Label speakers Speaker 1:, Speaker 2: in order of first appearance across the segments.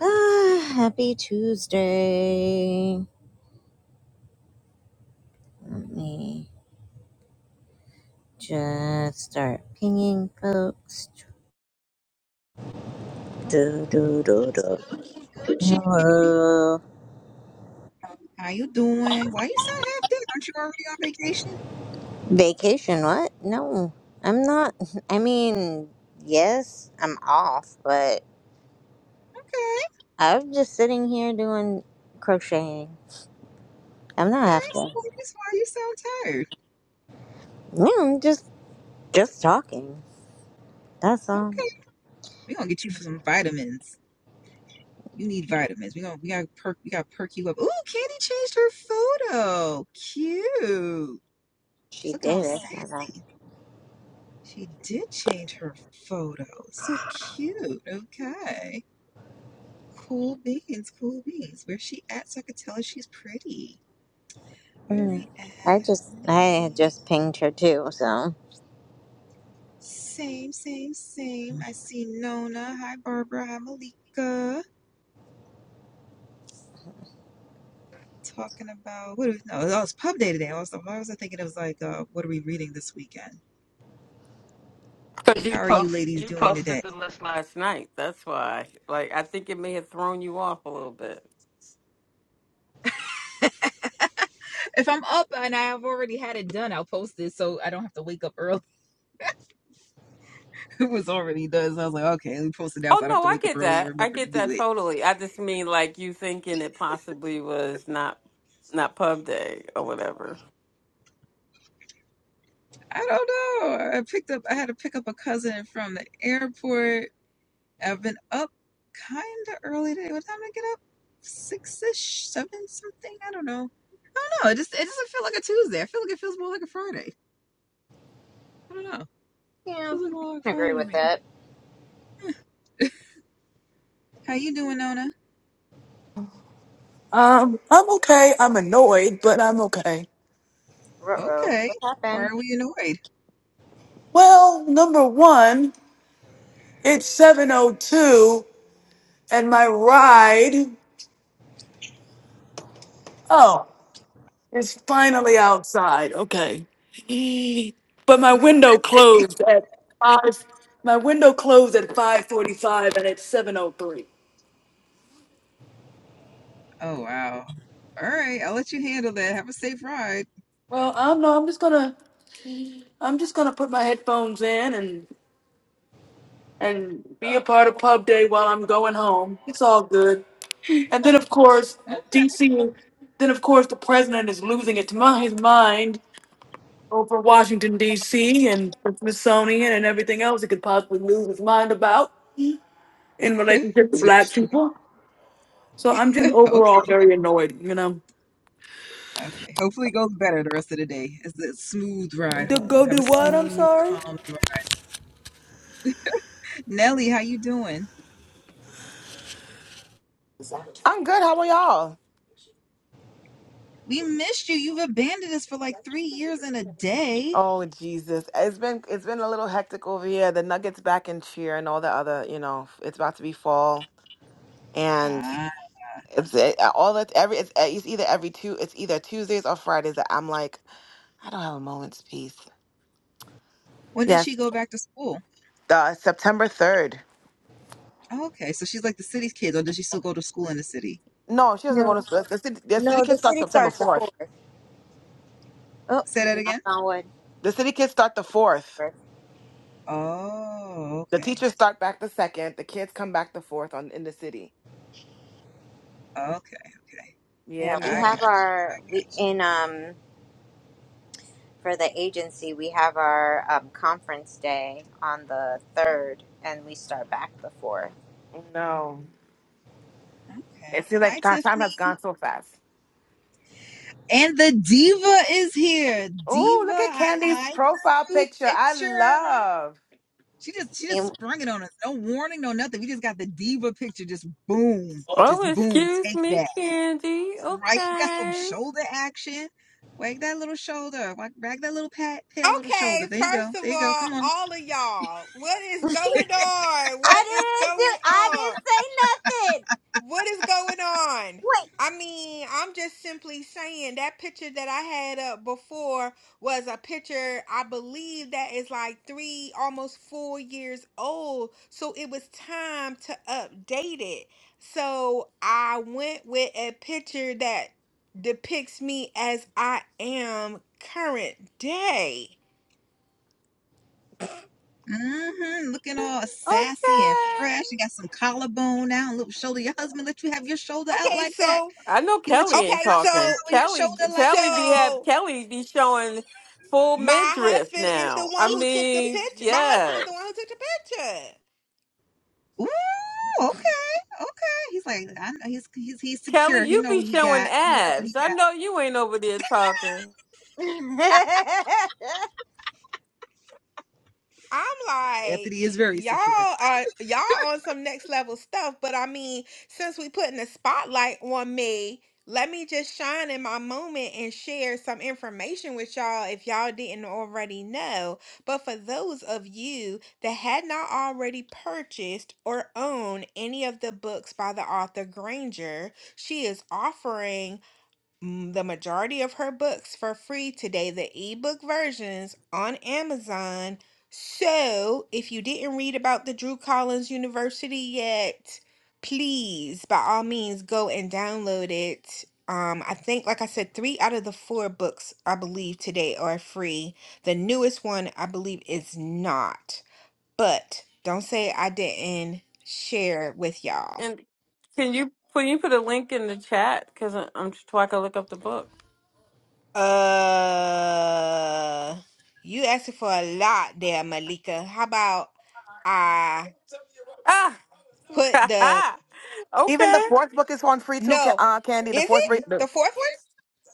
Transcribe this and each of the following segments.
Speaker 1: Ah, happy Tuesday. Let me just start pinging folks. Do, do, do, do.
Speaker 2: Gucci,
Speaker 1: Hello.
Speaker 2: how you doing? Why you sound half dead? Aren't you already on vacation?
Speaker 1: Vacation, what? No, I'm not. I mean, yes, I'm off, but
Speaker 2: Okay,
Speaker 1: I'm just sitting here doing crocheting. I'm not
Speaker 2: okay. So
Speaker 1: after.
Speaker 2: that's why you sound tired.
Speaker 1: No, I'm just, just talking. That's all.
Speaker 2: Okay, we gonna get you for some vitamins. You need vitamins. We gonna we gotta perk we gotta perk you up. Ooh, Candy changed her photo. Cute. She's
Speaker 1: She
Speaker 2: looking all
Speaker 1: did it, so that.
Speaker 2: sassy. She did change her photo. So cute. Okay. Cool beans, cool beans. Where's she at so I could tell her she's pretty?
Speaker 1: Mm.
Speaker 2: Very
Speaker 1: I
Speaker 2: ass.
Speaker 1: just, I had
Speaker 2: nubby.
Speaker 1: just pinged her too, so.
Speaker 2: Same, same, same. I see Nona. Hi, Barbara. Hi, Malika. Talking about what? Is, no, oh, it's pub day today. Also, I was thinking it was like, uh, what are we reading this weekend?
Speaker 3: Because
Speaker 2: How
Speaker 3: you
Speaker 2: are you
Speaker 3: post
Speaker 2: ladies
Speaker 3: you
Speaker 2: doing
Speaker 3: posted
Speaker 2: today?
Speaker 3: the list last night. That's why. Like I think it may have thrown you off a little bit.
Speaker 2: If I'm up and I've already had it done, I'll post it so I don't have to wake up early. It was already done. So I was like, okay, let me post it now so
Speaker 3: Oh
Speaker 2: I don't have
Speaker 3: no,
Speaker 2: to
Speaker 3: I
Speaker 2: wake up
Speaker 3: get
Speaker 2: early and
Speaker 3: that. I
Speaker 2: remember to
Speaker 3: get
Speaker 2: do
Speaker 3: that
Speaker 2: it.
Speaker 3: totally. I just mean like you thinking it possibly was not not pub day or whatever.
Speaker 2: I don't know. I picked up. I had to pick up a cousin from the airport. I've been up kind of early today. What time did I get up? Six ish, seven something. I don't know. I don't know. It just it doesn't feel like a Tuesday. I feel like it feels more like a Friday. I don't know. It
Speaker 1: Yeah, I can
Speaker 2: feels like more like
Speaker 1: agree
Speaker 2: Friday to
Speaker 1: with
Speaker 2: me.
Speaker 1: that.
Speaker 2: How you doing, Nona?
Speaker 4: Um, I'm okay. I'm annoyed, but I'm okay.
Speaker 1: Ruh-roh.
Speaker 2: Okay.
Speaker 1: What
Speaker 2: Why
Speaker 1: happened?
Speaker 2: are we annoyed?
Speaker 4: Well, number one, it's 702 and my ride, oh, is finally outside. Okay. But my window closed at five. My window closed at 5:45 and it's 7:03.
Speaker 2: oh wow. All right. I'll let you handle that. Have a safe ride.
Speaker 4: Well, I don't know. I'm just gonna, I'm just gonna put my headphones in and and be a part of pub day while I'm going home. It's all good. And then of course
Speaker 2: Oh,
Speaker 4: DC then of course the president is losing it to my, his mind over Washington DC and the Smithsonian and everything else he could possibly lose his mind about in relationship to black
Speaker 2: touche.
Speaker 4: people. So I'm just
Speaker 2: Okay.
Speaker 4: overall very annoyed, you know.
Speaker 2: Okay. Hopefully it goes better the rest of the day. It's a smooth ride
Speaker 4: To
Speaker 2: home.
Speaker 4: go
Speaker 2: Have a
Speaker 4: do what? I'm
Speaker 2: smooth,
Speaker 4: sorry.
Speaker 2: calm ride. Nelly, how you doing?
Speaker 5: I'm good. How are y'all?
Speaker 2: We missed you. You've abandoned us for like three years and a day.
Speaker 5: Oh Jesus, it's been it's been a little hectic over here. The Nuggets back in cheer and all the other, you know, it's about to be fall, and
Speaker 2: Ah.
Speaker 5: it's it, all that every it's, eh, it's either every two it's either Tuesdays or Fridays that I'm like I don't have a moment's peace.
Speaker 2: When did
Speaker 5: Yes,
Speaker 2: she go back to school?
Speaker 5: uh, September third.
Speaker 2: Oh, okay, so she's like the city's kid, or does she still go to school in the city?
Speaker 5: No, she doesn't go
Speaker 1: No,
Speaker 5: to the, the city. The city
Speaker 1: no, the
Speaker 5: kids start
Speaker 1: city
Speaker 5: September
Speaker 1: starts the
Speaker 5: fourth.
Speaker 1: fourth. Oh,
Speaker 2: Say that
Speaker 1: knock
Speaker 2: again.
Speaker 1: on wood.
Speaker 5: The city kids start the fourth.
Speaker 1: Fourth.
Speaker 2: Oh,
Speaker 5: The
Speaker 2: okay,
Speaker 5: teachers start back the second. The kids come back the fourth on in the city.
Speaker 2: okay, okay.
Speaker 5: Yeah,
Speaker 1: Yeah,
Speaker 2: I
Speaker 1: we
Speaker 2: got you.
Speaker 1: have
Speaker 5: man.
Speaker 2: I
Speaker 1: our we
Speaker 2: got you.
Speaker 1: in um for the agency we have our um, conference day on the third, and we start back the fourth.
Speaker 5: No.
Speaker 2: Okay.
Speaker 5: It seems like
Speaker 2: Hi,
Speaker 5: ti- time has gone
Speaker 2: Tiffany.
Speaker 5: so fast.
Speaker 2: And the diva is here.
Speaker 5: Oh,
Speaker 2: Diva,
Speaker 5: look at
Speaker 2: I
Speaker 5: Candy's
Speaker 2: like
Speaker 5: profile
Speaker 2: the new
Speaker 5: picture. I
Speaker 2: picture.
Speaker 5: love.
Speaker 2: She just she just
Speaker 1: And
Speaker 2: sprung it on us. No warning, no nothing. We just got the diva picture. Just boom, just
Speaker 3: Oh,
Speaker 2: boom.
Speaker 3: excuse
Speaker 2: Take
Speaker 3: me,
Speaker 2: that.
Speaker 3: Candy.
Speaker 2: Right? Got some
Speaker 3: Okay.
Speaker 2: shoulder action. Wag that little shoulder. Wag, wag that little pat, pale little
Speaker 6: Okay,
Speaker 2: shoulder. There you go.
Speaker 6: first of
Speaker 2: There you go.
Speaker 6: all,
Speaker 2: Come on.
Speaker 6: all of y'all, what is going on? What is
Speaker 1: I didn't do.
Speaker 6: going
Speaker 1: I
Speaker 6: on?
Speaker 1: didn't say nothing.
Speaker 6: What is going on?
Speaker 1: Wait.
Speaker 6: I mean, I'm just simply saying that picture that I had up before was a picture I believe that is like three, almost four years old. So it was time to update it. So I went with a picture that depicts me as I am current day.
Speaker 2: Mm-hmm. Looking all sassy and
Speaker 3: Okay.
Speaker 2: fresh. You got some collarbone now, a little shoulder. Your husband let you have your shoulder out
Speaker 6: Okay,
Speaker 2: like that.
Speaker 6: so
Speaker 3: I know
Speaker 2: He let
Speaker 3: Kelly
Speaker 2: you walk
Speaker 3: ain't
Speaker 6: Okay,
Speaker 3: talking.
Speaker 6: so
Speaker 2: outside with your
Speaker 3: Kelly
Speaker 2: shoulder like that.
Speaker 3: Kelly be have
Speaker 6: so
Speaker 3: Kelly be showing full
Speaker 6: my
Speaker 3: midriff
Speaker 6: husband is the
Speaker 3: now. I
Speaker 6: one
Speaker 2: He,
Speaker 6: who took the
Speaker 3: mean,
Speaker 6: picture. My husband is the one
Speaker 3: yes.
Speaker 6: who took the picture.
Speaker 2: Ooh, okay, okay. He's like, I know he's he's he's
Speaker 3: Kelly,
Speaker 2: secure. He
Speaker 3: you
Speaker 2: know what
Speaker 3: be
Speaker 2: he
Speaker 3: showing
Speaker 2: got. He know what
Speaker 3: abs.
Speaker 2: he
Speaker 3: I know you ain't over there talking.
Speaker 6: I'm
Speaker 2: got. Anthony is
Speaker 6: like,
Speaker 2: very
Speaker 6: y'all
Speaker 2: secure.
Speaker 6: are y'all on some next level stuff, but I mean, since we putting the spotlight on me, let me just shine in my moment and share some information with y'all if y'all didn't already know. But for those of you that had not already purchased or owned any of the books by the author Granger, she is offering Mm, The majority of her books for free today, the ebook versions on Amazon. So, if you didn't read about the Drew Collins University yet, please, by all means, go and download it. Um, I think, like I said, three out of the four books I believe today are free. The newest one, I believe, is not. But don't say I didn't share with y'all.
Speaker 3: And can you can you put a link in the chat? Cause I- I'm so I can look up the book.
Speaker 6: Uh, you asking for a lot there, Malika. How about I
Speaker 3: Ah,
Speaker 6: put the
Speaker 5: Even the
Speaker 3: okay.
Speaker 5: fourth book is on free too, Ca-
Speaker 6: no?
Speaker 5: uh, Candy. The
Speaker 6: Is
Speaker 5: fourth
Speaker 6: it
Speaker 5: book. No.
Speaker 6: the fourth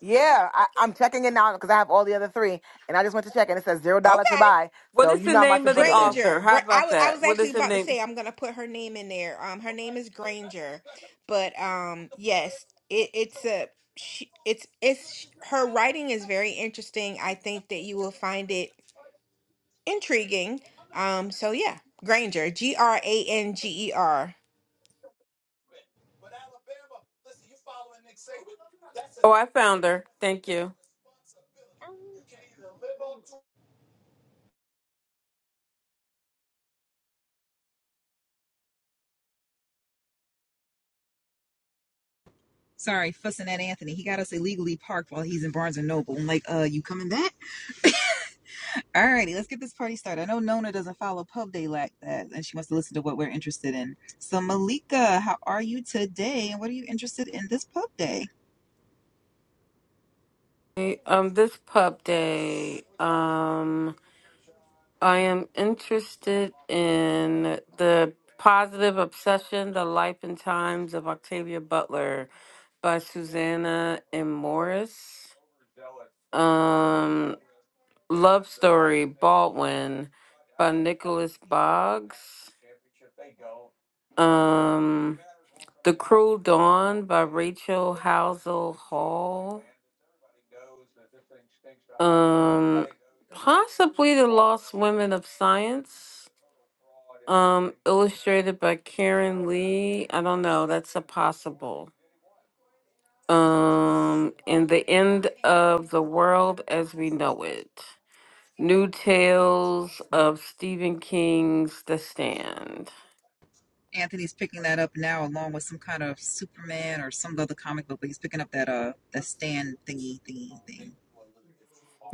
Speaker 5: Yeah, I, I'm checking it now because I have all the other three, and I just went to check, and it says zero
Speaker 6: one?
Speaker 5: dollar to
Speaker 6: Okay,
Speaker 5: buy.
Speaker 3: What
Speaker 5: So
Speaker 3: is
Speaker 5: you
Speaker 3: the
Speaker 5: know how much
Speaker 3: name
Speaker 5: to
Speaker 3: of
Speaker 5: put
Speaker 3: the
Speaker 5: it in.
Speaker 3: author?
Speaker 6: Granger.
Speaker 3: How
Speaker 6: Gra- I
Speaker 3: about
Speaker 6: wa- I
Speaker 3: that?
Speaker 6: was
Speaker 3: What
Speaker 6: actually
Speaker 3: is the
Speaker 6: about to
Speaker 3: name?
Speaker 6: say I'm gonna put her name in there. Um, her name is Granger, but um, yes, it it's a she, it's it's sh- her writing is very interesting. I think that you will find it intriguing. Um, so yeah, Granger, G R A N G E R.
Speaker 3: Oh, I found her. Thank you.
Speaker 2: Sorry, fussing at Anthony. He got us illegally parked while he's in Barnes and Noble. I'm like, uh, you coming back? Alrighty, let's get this party started. I know Nona doesn't follow Pub Day like that, and she wants to listen to what we're interested in. So, Malika, how are you today, and what are you interested in this Pub Day?
Speaker 3: Hey, Um, this pub day. Um. I am interested in the positive obsession, the life and times of Octavia Butler by Susanna M. Morris. Um, Love Story, Baldwin by Nicholas Boggs. Um, The Cruel Dawn by Rachel Housel Hall. Um, possibly The Lost Women of Science Um, illustrated by Karen Lee. I don't know. That's a possible. Um, and the end of the world as we know it. New tales of Stephen King's The Stand.
Speaker 2: Anthony's picking that up now, along with some kind of Superman or some other comic book, but he's picking up that uh that stand thingy thingy thing.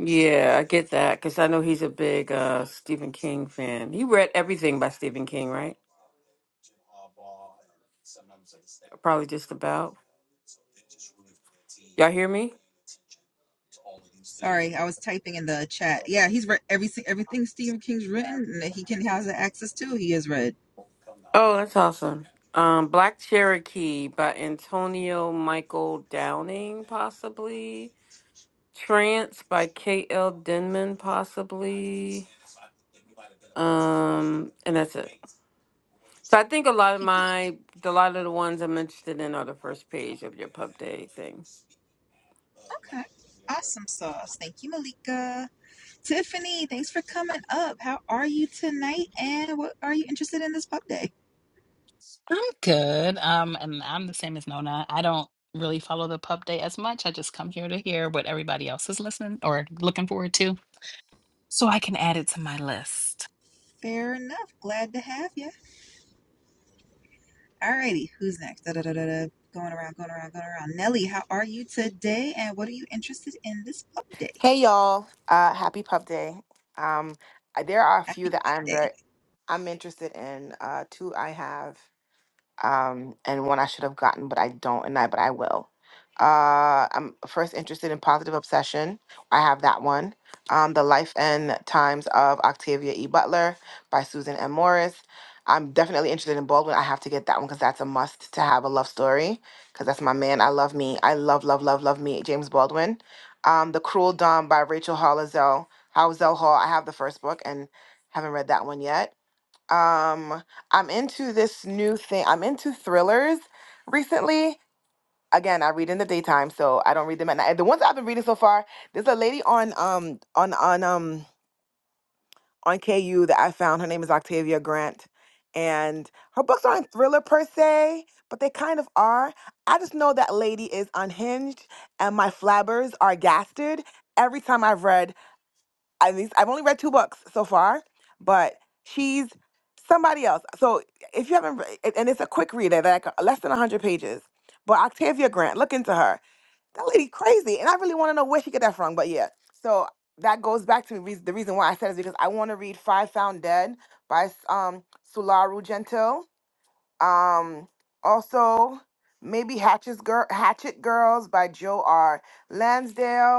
Speaker 3: Yeah, I get that because I know he's a big uh, Stephen King fan. He read everything by Stephen King, right? Probably just about. Y'all hear me?
Speaker 2: Sorry, I was typing in the chat. Yeah, he's read everything. everything Stephen King's written, and that he can has access to. He has read.
Speaker 3: Oh, that's awesome. Um, Black Cherokee by Antonio Michael Downing, possibly. Trance by K.L. Denman, possibly. Um, and that's it. So I think a lot of
Speaker 2: He did-
Speaker 3: my, a lot of the ones I'm interested in are the first page of your pub day thing.
Speaker 2: Okay, awesome sauce. Thank you, Malika. Tiffany, thanks for coming up. How are you tonight? And what are you interested in this pub day?
Speaker 7: I'm good. Um, and I'm the same as Nona. I don't really follow the pub day as much. I just come here to hear what everybody else is listening or looking forward to so I can add it to my list.
Speaker 2: Fair enough. Glad to have you. Alrighty, who's next? Da, da, da, da, da. Going around, going around, going around. Nelly, how are you today? And what are you interested in this pub day?
Speaker 5: Hey y'all! Uh, happy Pub Day. Um, there are a few
Speaker 2: Happy
Speaker 5: that I'm very
Speaker 2: day.
Speaker 5: I'm interested in uh two I have um and one I should have gotten but I don't and I but I will. Uh I'm first interested in Positive Obsession. I have that one. Um The Life and Times of Octavia E. Butler by Susan M. Morris. I'm definitely interested in Baldwin. I have to get that one because that's a must to have a love story because that's my man. I love me. I love, love, love, love me. James Baldwin. Um, The Cruel Dawn by Rachel Hollizel. Housel Hall. I have the first book and haven't read that one yet um, I'm into this new thing. I'm into thrillers recently. Again, I read in the daytime, so I don't read them at night. The ones I've been reading so far, there's a lady on um on on um on KU that I found. Her name is Octavia Grant. And her books aren't thriller per se, but they kind of are. I just know that lady is unhinged and my flabbers are gasted every time I've read I least I've only read two books so far, but she's somebody else. So if you haven't, re- and and it's a quick read, like uh, less than hundred pages. But Octavia Grant, look into her. That lady crazy, and I really want to know where she get that from. But yeah, so that goes back to reas- the reason why I said it is because I want to read Five Found Dead by um Sularu Gentile. Um, also maybe Hatchet's Girl, Hatchet Girls by Joe R. Lansdale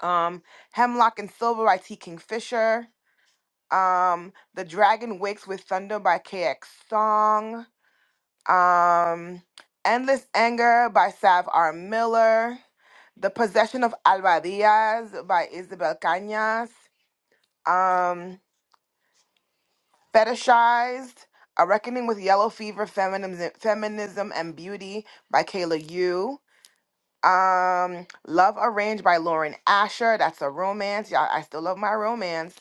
Speaker 5: um, Hemlock and Silver by T. Kingfisher, um, The Dragon Wakes with Thunder by KX Song, um, Endless Anger by Sav R. Miller, The Possession of Alba Diaz by Isabel Cañas, um, Fetishized, A Reckoning with Yellow Fever, Feminism, Feminism and Beauty by Kayla Yu. Um, Love Arranged by Lauren Asher. That's a romance. Y'all, I still love my romance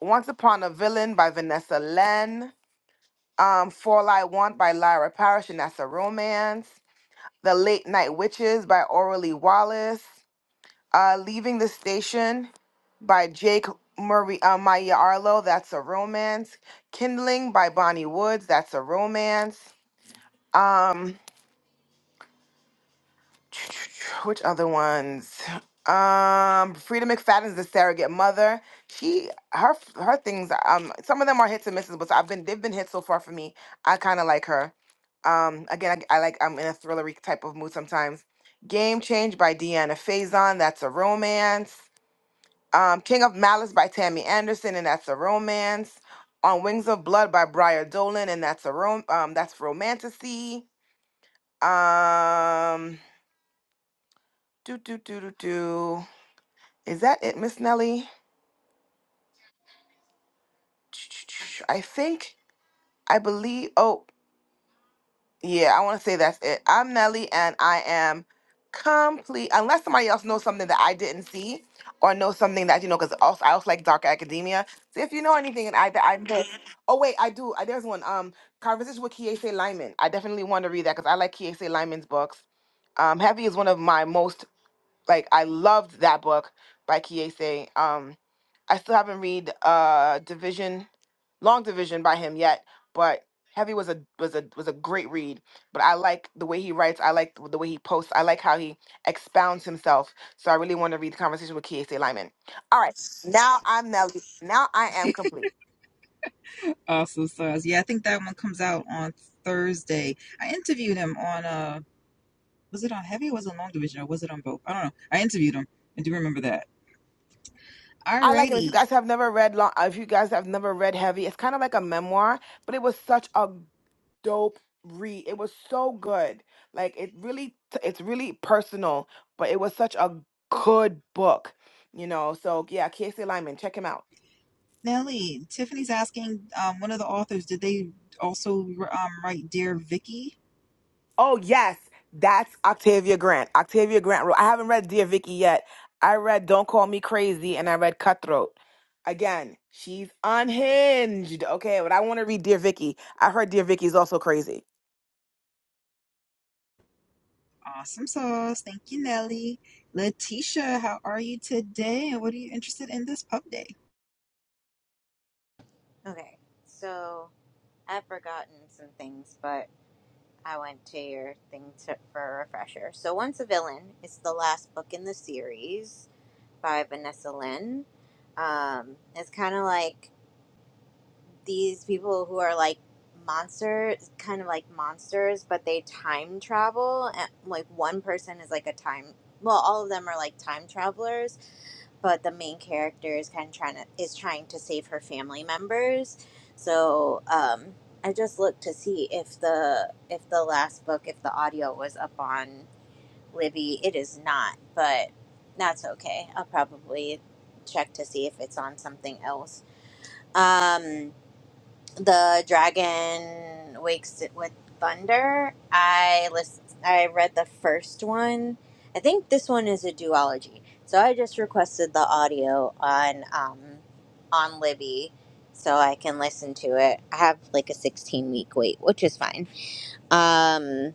Speaker 5: Once Upon a Villain by Vanessa Len. Um, Fall I Want by Lyra Parrish, and that's a romance. The Late Night Witches by Orally Wallace. Uh, Leaving the Station by Jake Murray, uh, Maya Arlo, that's a romance. Kindling by Bonnie Woods, that's a romance. Um, Which other ones? Um, Frida McFadden's the surrogate mother. She her her things. Um, some of them are hits and misses, but I've been they've been hits so far for me. I kind of like her. Um, again, I, I like I'm in a thrillery type of mood sometimes. Game Change by Deanna Faison. That's a romance. Um, King of Malice by Tammy Anderson, and that's a romance. On Wings of Blood by Briar Dolan, and that's a rom. Um, that's romanticy. Um. Do do do do do. Is that it, Miss Nelly? I think I believe. Oh, yeah. I want to say that's it. I'm Nelly, and I am complete. Unless somebody else knows something that I didn't see, or knows something that you know, because also I also like dark academia. So if you know anything, and I that I missed. Oh wait, I do. I, there's one. Um, conversation with Kiese Lyman. I definitely want to read that because I like Kiese Lyman's books. Um, Heavy is one of my most like I loved that book by Kiese. Um, I still haven't read uh Division, Long Division by him yet, but Heavy was a was a was a great read. But I like the way he writes. I like the way he posts. I like how he expounds himself. So I really want to read the conversation with Kiese Lyman. All right, now I'm Nelly. Now I am complete.
Speaker 2: Awesome stars. Yeah, I think that one comes out on Thursday. I interviewed him on uh was it on heavy or was it on long division or was it on both? I don't know. I interviewed him. I do remember that.
Speaker 5: I like him. If you
Speaker 2: Alrighty.
Speaker 5: guys have never read long, if you guys have never read Heavy, it's kind of like a memoir, but it was such a dope read. It was so good. Like it really it's really personal, but it was such a good book, you know. So yeah, Casey Lyman, check him out.
Speaker 2: Nellie, Tiffany's asking um, one of the authors, did they also um, write Dear Vicky?
Speaker 5: Oh yes, that's Octavia Grant. Octavia Grant wrote I haven't read Dear Vicky yet. I read Don't Call Me Crazy and I read Cutthroat. Again, she's unhinged. Okay, but I want to read Dear Vicky. I heard Dear Vicky is also crazy.
Speaker 2: Awesome sauce. Thank you, Nellie. Letitia, how are you today? And what are you interested in this pub day?
Speaker 1: okay, so I've forgotten some things, but. I went to your thing to, for a refresher. So Once a Villain is the last book in the series by Vanessa Lynn. Um, it's kind of like these people who are like monsters, kind of like monsters, but they time travel. And like one person is like a time, well, all of them are like time travelers but the main character is kind of trying to is trying to save her family members. So um, I just looked to see if the if the last book if the audio was up on Libby. It is not, but that's okay. I'll probably check to see if it's on something else. Um, the dragon wakes it with thunder i list i read the first one i think this one is a duology so i just requested the audio on um on libby so i can listen to it i have like a 16 week wait which is fine um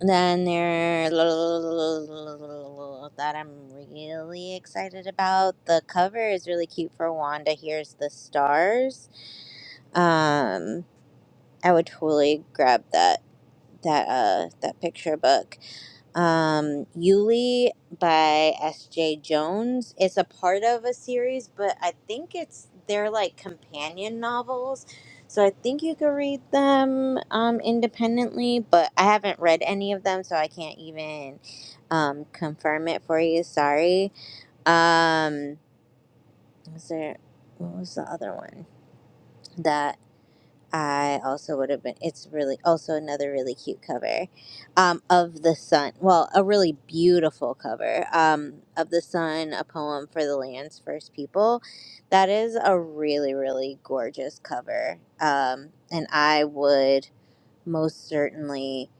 Speaker 1: then there that i'm really excited about the cover is really cute for wanda here's the stars um I would totally grab that that uh that picture book. Um Yuli by SJ Jones. It's a part of a series, but I think it's they're like companion novels. So I think you could read them um independently, but I haven't read any of them so I can't even um confirm it for you. Sorry. Um was there what was the other one? That I also would have been. It's really also another really cute cover um, of the sun. Well, a really beautiful cover um, of the sun, a poem for the land's first people. That is a really really gorgeous cover, um, and I would most certainly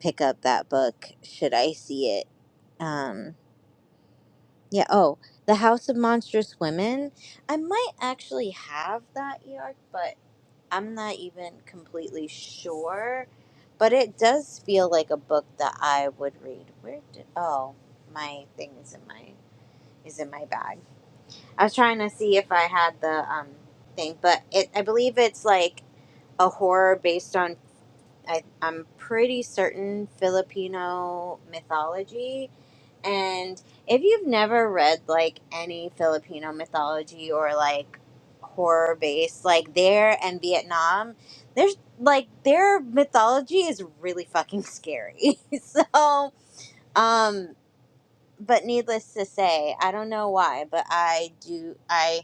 Speaker 1: pick up that book should I see it. Um, yeah. Oh, the House of Monstrous Women. I might actually have that yard, but. I'm not even completely sure, but it does feel like a book that I would read. Where did oh my thing is in my is in my bag. I was trying to see if I had the um thing, but it I believe it's like a horror based on I, I'm pretty certain Filipino mythology and if you've never read like any Filipino mythology or like horror based, like there and Vietnam, there's like their mythology is really fucking scary. so, um, but needless to say, I don't know why, but I do, I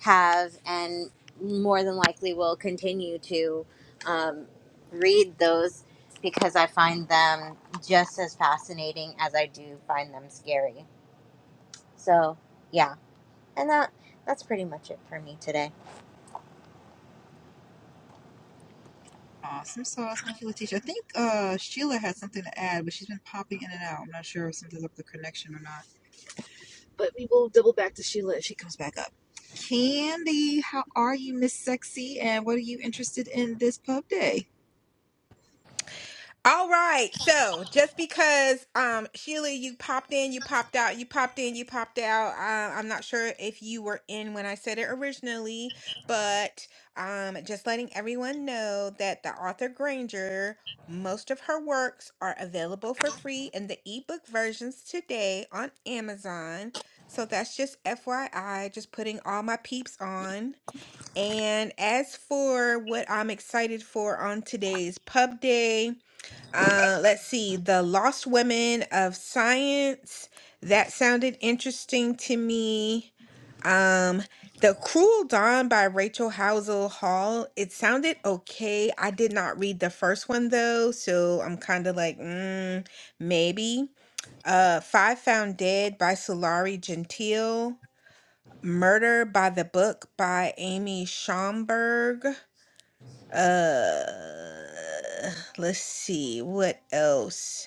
Speaker 1: have and more than likely will continue to um, read those because I find them just as fascinating as I do find them scary. So yeah, and that that's pretty much it for me today.
Speaker 2: Awesome sauce. Thank you, Letitia. I think uh, Sheila had something to add, but she's been popping in and out. I'm not sure if something's up with the connection or not. But we will double back to Sheila if she comes back up. Candy, how are you, Miss Sexy? And what are you interested in this pub day?
Speaker 6: All right. So just because um Sheila, you popped in, you popped out, you popped in, you popped out. Uh, I'm not sure if you were in when I said it originally, but um just letting everyone know that the author Granger, most of her works are available for free in the ebook versions today on Amazon. So that's just FYI, just putting all my peeps on. And as for what I'm excited for on today's pub day, uh, let's see, The Lost Women of Science. That sounded interesting to me. Um, The Cruel Dawn by Rachel Housel Hall. It sounded okay. I did not read the first one though, so I'm kind of like, mm, maybe. Uh, Five Found Dead by Solari Gentile. Murder by the Book by Amy Schomburg. Uh, let's see, what else?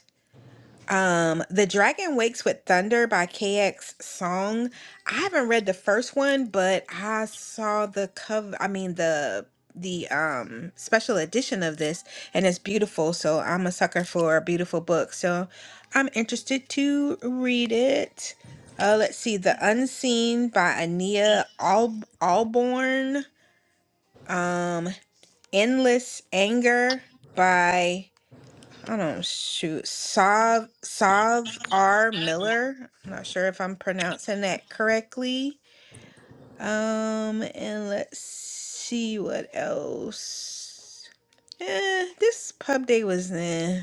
Speaker 6: Um, The Dragon Wakes with Thunder by KX Song. I haven't read the first one, but I saw the cover, I mean the the um special edition of this and it's beautiful. So I'm a sucker for a beautiful book. So I'm interested to read it. Uh let's see The Unseen by Ania Al Alborn. Um Endless Anger by I don't shoot. Sav Sav R. Miller. I'm not sure if I'm pronouncing that correctly. Um, and let's see what else. Eh, this pub day was eh.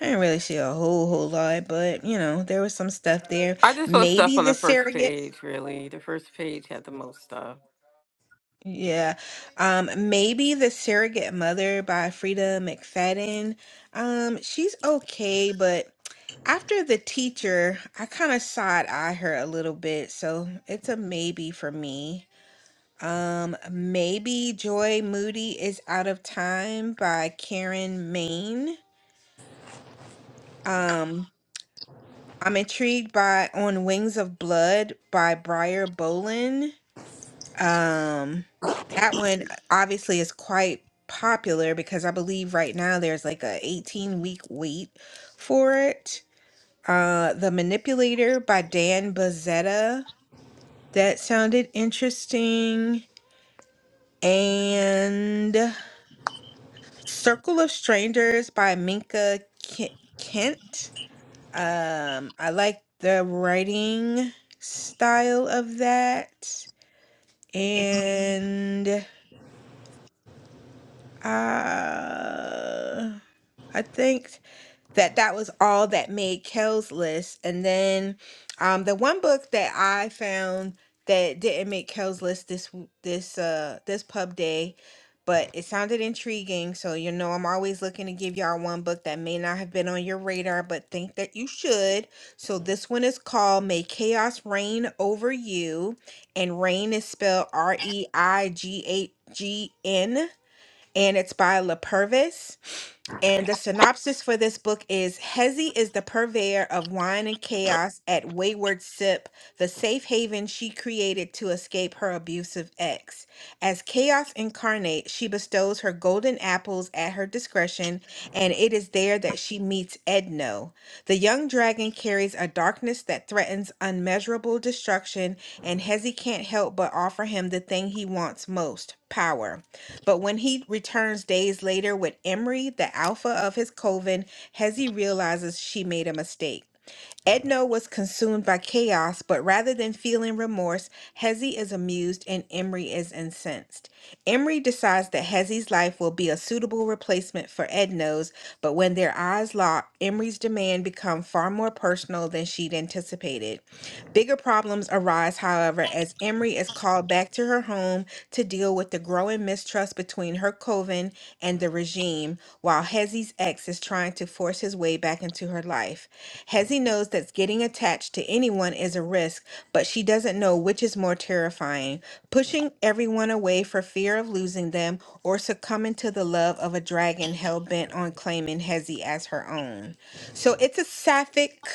Speaker 6: I didn't really see a whole whole lot, but you know, there was some stuff there.
Speaker 3: I just saw stuff
Speaker 6: Maybe
Speaker 3: on
Speaker 6: the
Speaker 3: the first
Speaker 6: surrogate
Speaker 3: page. Really, the first page had the most stuff.
Speaker 6: yeah. Um, maybe the surrogate mother by Frida McFadden. Um, she's okay, but After the teacher, I kind of side eye her a little bit, so it's a maybe for me. Um, maybe Joy Moody is Out of Time by Karen Maine. Um, I'm intrigued by On Wings of Blood by Briar Bolin. Um, that one obviously is quite popular because I believe right now there's like a 18 week wait for it. Uh, The Manipulator by Dan Bozetta. That sounded interesting. And Circle of Strangers by Minka Ki- Kent. Um, I like the writing style of that. And uh, I think that that was all that made Kel's list. And then um, the one book that I found that didn't make Kel's list this w- this uh this pub day, but it sounded intriguing. So you know I'm always looking to give y'all one book that may not have been on your radar, but think that you should. So this one is called May Chaos Reign Over You, and "Reign" is spelled R E I G H G N, and it's by La Purvis and the synopsis for this book is Hezi is the purveyor of wine and chaos at Wayward Sip, the safe haven she created to escape her abusive ex. As chaos incarnate, she bestows her golden apples at her discretion, and it is there that she meets Edno. The young dragon carries a darkness that threatens unmeasurable destruction, and Hezi can't help but offer him the thing he wants most power. But when he returns days later with Emery, the alpha of his coven, Hezi realizes she made a mistake. Edno was consumed by chaos, but rather than feeling remorse, Hezi is amused and Emery is incensed. Emery decides that Hezi's life will be a suitable replacement for Edno's, but when their eyes lock, Emery's demand become far more personal than she'd anticipated. Bigger problems arise, however, as Emery is called back to her home to deal deal with the growing mistrust between her coven and the regime, while Hezzy's ex is trying to force his way back into her life. Hezzy knows that getting attached to anyone is a risk, but she doesn't know which is more terrifying pushing everyone away for fear of losing them or succumbing to the love of a dragon hell bent on claiming Hezzy as her own. So it's a sapphic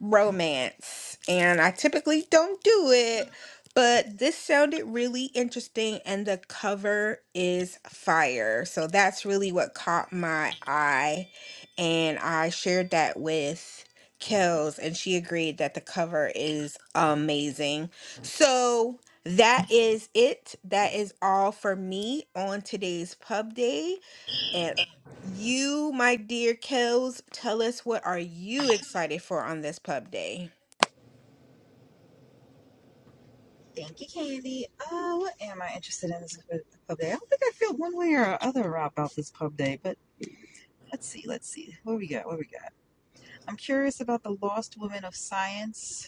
Speaker 6: romance, and I typically don't do it but this sounded really interesting, and the cover is fire. So that's really what caught my eye. And I shared that with Kels, and she agreed that the cover is amazing. So that is it. That is all for me on today's pub day. And you, my dear Kels, tell us what are you excited for on this pub day?
Speaker 2: Thank you, Candy. Uh, what am I interested in this pub day? I don't think I feel one way or other about this pub day, but let's see, let's see. What we got? What we got? I'm curious about the Lost Women of Science.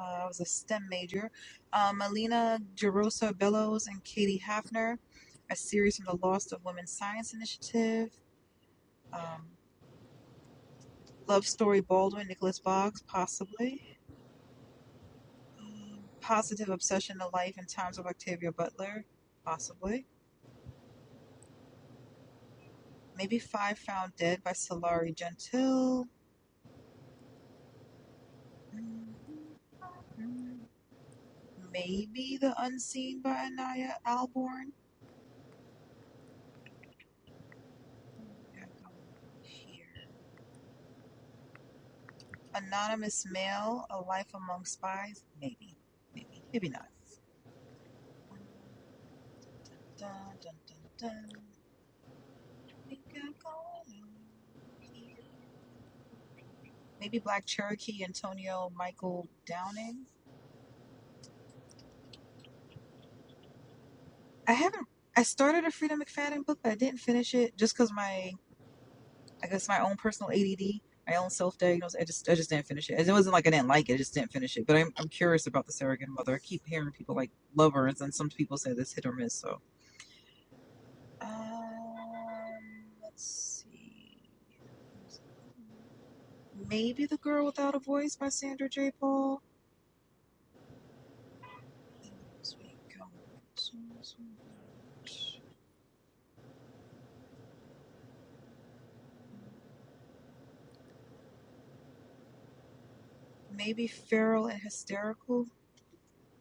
Speaker 2: Uh, I was a STEM major. Um, Melina Gerosa Bellows and Katie Hafner, a series from the Lost of Women Science Initiative. Um, Love Story Baldwin, Nicholas Boggs, possibly. Um, Positive Obsession to Life and Times of Octavia Butler, possibly. Maybe Five Found Dead by Solari Gentile. Mm-hmm. Maybe The Unseen by Anaya Alborn. here? Anonymous Mail, A Life Among Spies. Maybe. Maybe. Maybe not. Dun, dun, dun, dun, dun, dun. Maybe Black Cherokee, Antonio Michael Downing. I haven't. I started a Freedom McFadden book, but I didn't finish it just because my, I guess my own personal ADD, my own self-diagnosis. I just, I just didn't finish it. It wasn't like I didn't like it. I just didn't finish it. But I'm, I'm curious about the surrogate mother. I keep hearing people like lovers, and some people say this hit or miss. So, um, let's see. maybe The Girl Without a Voice by Sandra J. Paul. Maybe Feral and Hysterical.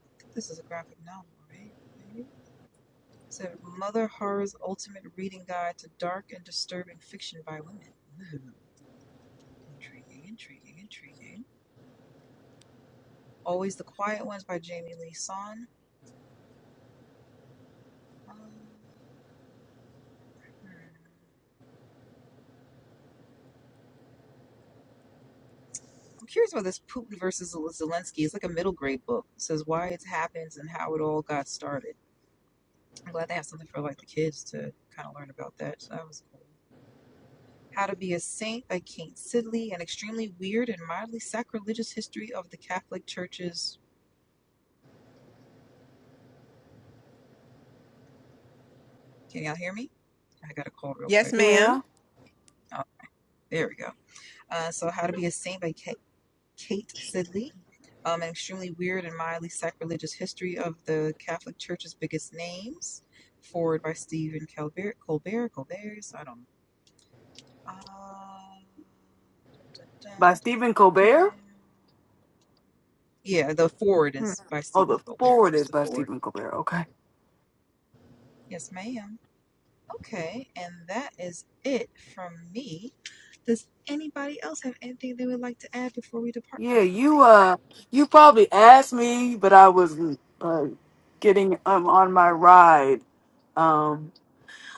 Speaker 2: I think this is a graphic novel, right? Right? So Mother Horror's Ultimate Reading Guide to Dark and Disturbing Fiction by Women. Ooh, intriguing, intriguing, intriguing. Always the Quiet Ones by Jamie Lee Son. Um, hmm. I'm curious about this Putin versus Zelensky. It's like a middle grade book. It says why it happens and how it all got started. I'm glad they have something for like the kids to kind of learn about that. So that was cool. How to Be a Saint by Kate Sidley, an extremely weird and mildly sacrilegious history of the Catholic Church's. Can y'all hear me? I got a call real
Speaker 6: Yes,
Speaker 2: quick.
Speaker 6: ma'am.
Speaker 4: Yeah.
Speaker 2: Oh, there we go. Uh, so How to Be a Saint by Kate, Kate Sidley, um, an extremely weird and mildly sacrilegious history of the Catholic Church's biggest names. Forward by Stephen Colbert. Colbert. Colbert. So I don't. know. Uh, dun, dun,
Speaker 4: By
Speaker 2: dun,
Speaker 4: Stephen
Speaker 2: dun,
Speaker 4: Colbert?
Speaker 2: dun. Yeah, the forward
Speaker 1: Hmm.
Speaker 2: is by
Speaker 4: Oh
Speaker 2: Stephen
Speaker 4: the
Speaker 2: Colbert.
Speaker 4: forward
Speaker 2: There's
Speaker 4: is
Speaker 2: the
Speaker 4: by
Speaker 2: forward.
Speaker 4: Stephen Colbert, okay.
Speaker 2: Yes, ma'am. Okay, and that is it from me. Does anybody else have anything they would like to add before we depart for
Speaker 4: Yeah,
Speaker 2: the
Speaker 4: you
Speaker 2: evening?
Speaker 4: uh you probably asked me, but I was uh, getting um on my ride. Um.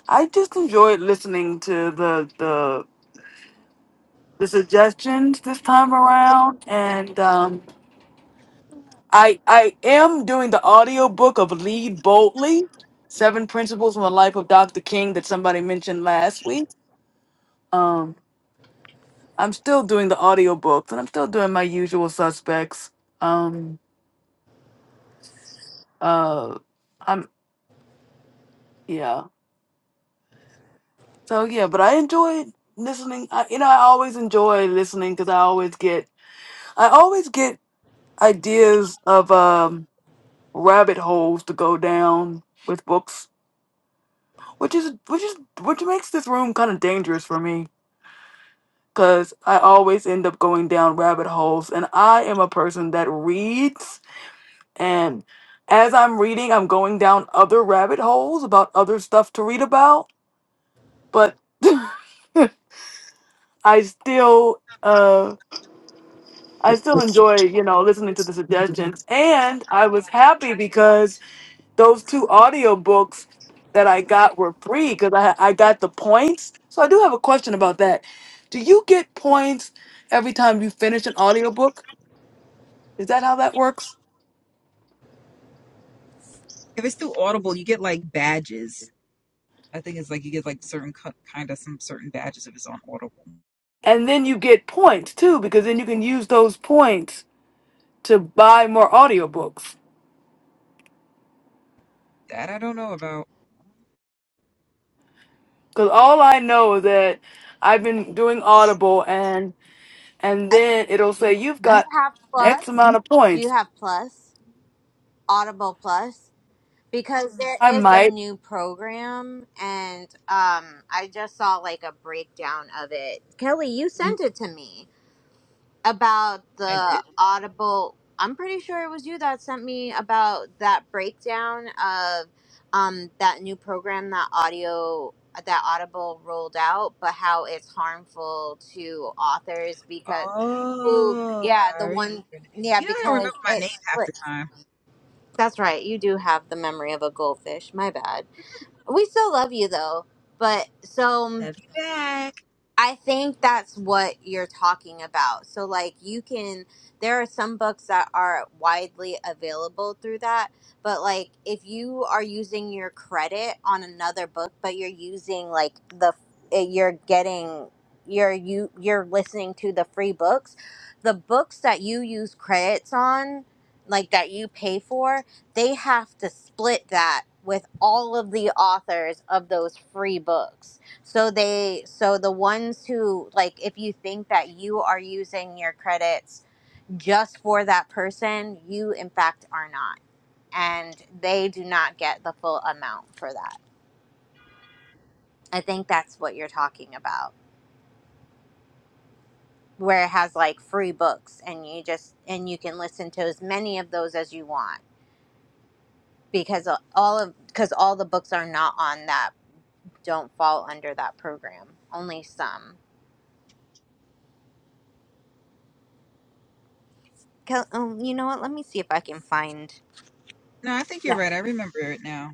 Speaker 4: I just enjoyed listening to the the the suggestions this time around, and um, I I am doing the audiobook of Lead Boldly: Seven Principles from the Life of Dr. King that somebody mentioned last week. Um, I'm still doing the audiobooks, and I'm still doing my usual suspects. Um, uh, I'm yeah. So yeah, but I enjoyed listening. I, you know, I always enjoy listening because I always get I always get ideas of um rabbit holes to go down with books, which is which is which makes this room kind of dangerous for me because I always end up going down rabbit holes, and I am a person that reads and. As I'm reading, I'm going down other rabbit holes about other stuff to read about, but I still uh I still enjoy, you know, listening to the suggestions. And I was happy because those two audio books that I got were free because I I got the points. So I do have a question about that. Do you get points every time you finish an audiobook? Is that how that works?
Speaker 2: If it's through Audible, you get like badges. I think it's like you get like certain co- kind of some certain badges if it's on Audible.
Speaker 4: And then you get points too because then you can use those points to buy more audiobooks.
Speaker 2: That I don't know about.
Speaker 4: Cuz all I know is that I've been doing Audible and and
Speaker 1: I,
Speaker 4: then it'll
Speaker 1: do,
Speaker 4: say you've
Speaker 1: do you
Speaker 4: got
Speaker 1: have
Speaker 4: x
Speaker 1: Plus?
Speaker 4: amount of
Speaker 1: Do you
Speaker 4: points.
Speaker 1: have Plus? Audible Plus? Because there
Speaker 4: I
Speaker 1: is a
Speaker 4: might
Speaker 1: new program, and um, I just saw like a breakdown of it. Kelly, you sent it to me. about
Speaker 2: I did.
Speaker 1: the audible i'm pretty sure it was you that sent me about that breakdown of um that new program that audio that audible rolled out but how it's harmful to authors because who
Speaker 2: Oh,
Speaker 1: yeah
Speaker 2: I
Speaker 1: the
Speaker 2: remember.
Speaker 1: one yeah
Speaker 2: You know, I don't
Speaker 1: because
Speaker 2: remember my
Speaker 1: it
Speaker 2: name half the
Speaker 1: splits
Speaker 2: time.
Speaker 1: that's right you do have the memory of a goldfish my bad we still love you though but so
Speaker 2: Love you back.
Speaker 1: I think that's what you're talking about. So, like, you can, there are some books that are widely available through that, but like, if you are using your credit on another book, but you're using like the, eh, you're getting, you're, you, you're listening to the free books, the books that you use credits on, like that you pay for, they have to split that with all of the authors of those free books so they so the ones who like if you think that you are using your credits just for that person, you in fact are not. And they do not get the full amount for that. I think that's what you're talking about. Where it has like free books and you just and you can listen to as many of those as you want because all of because all the books are not on that don't fall under that program. Only some. 'Cause- Um, you know what? Let me see if I can find.
Speaker 2: No, I think you're right. I remember it now.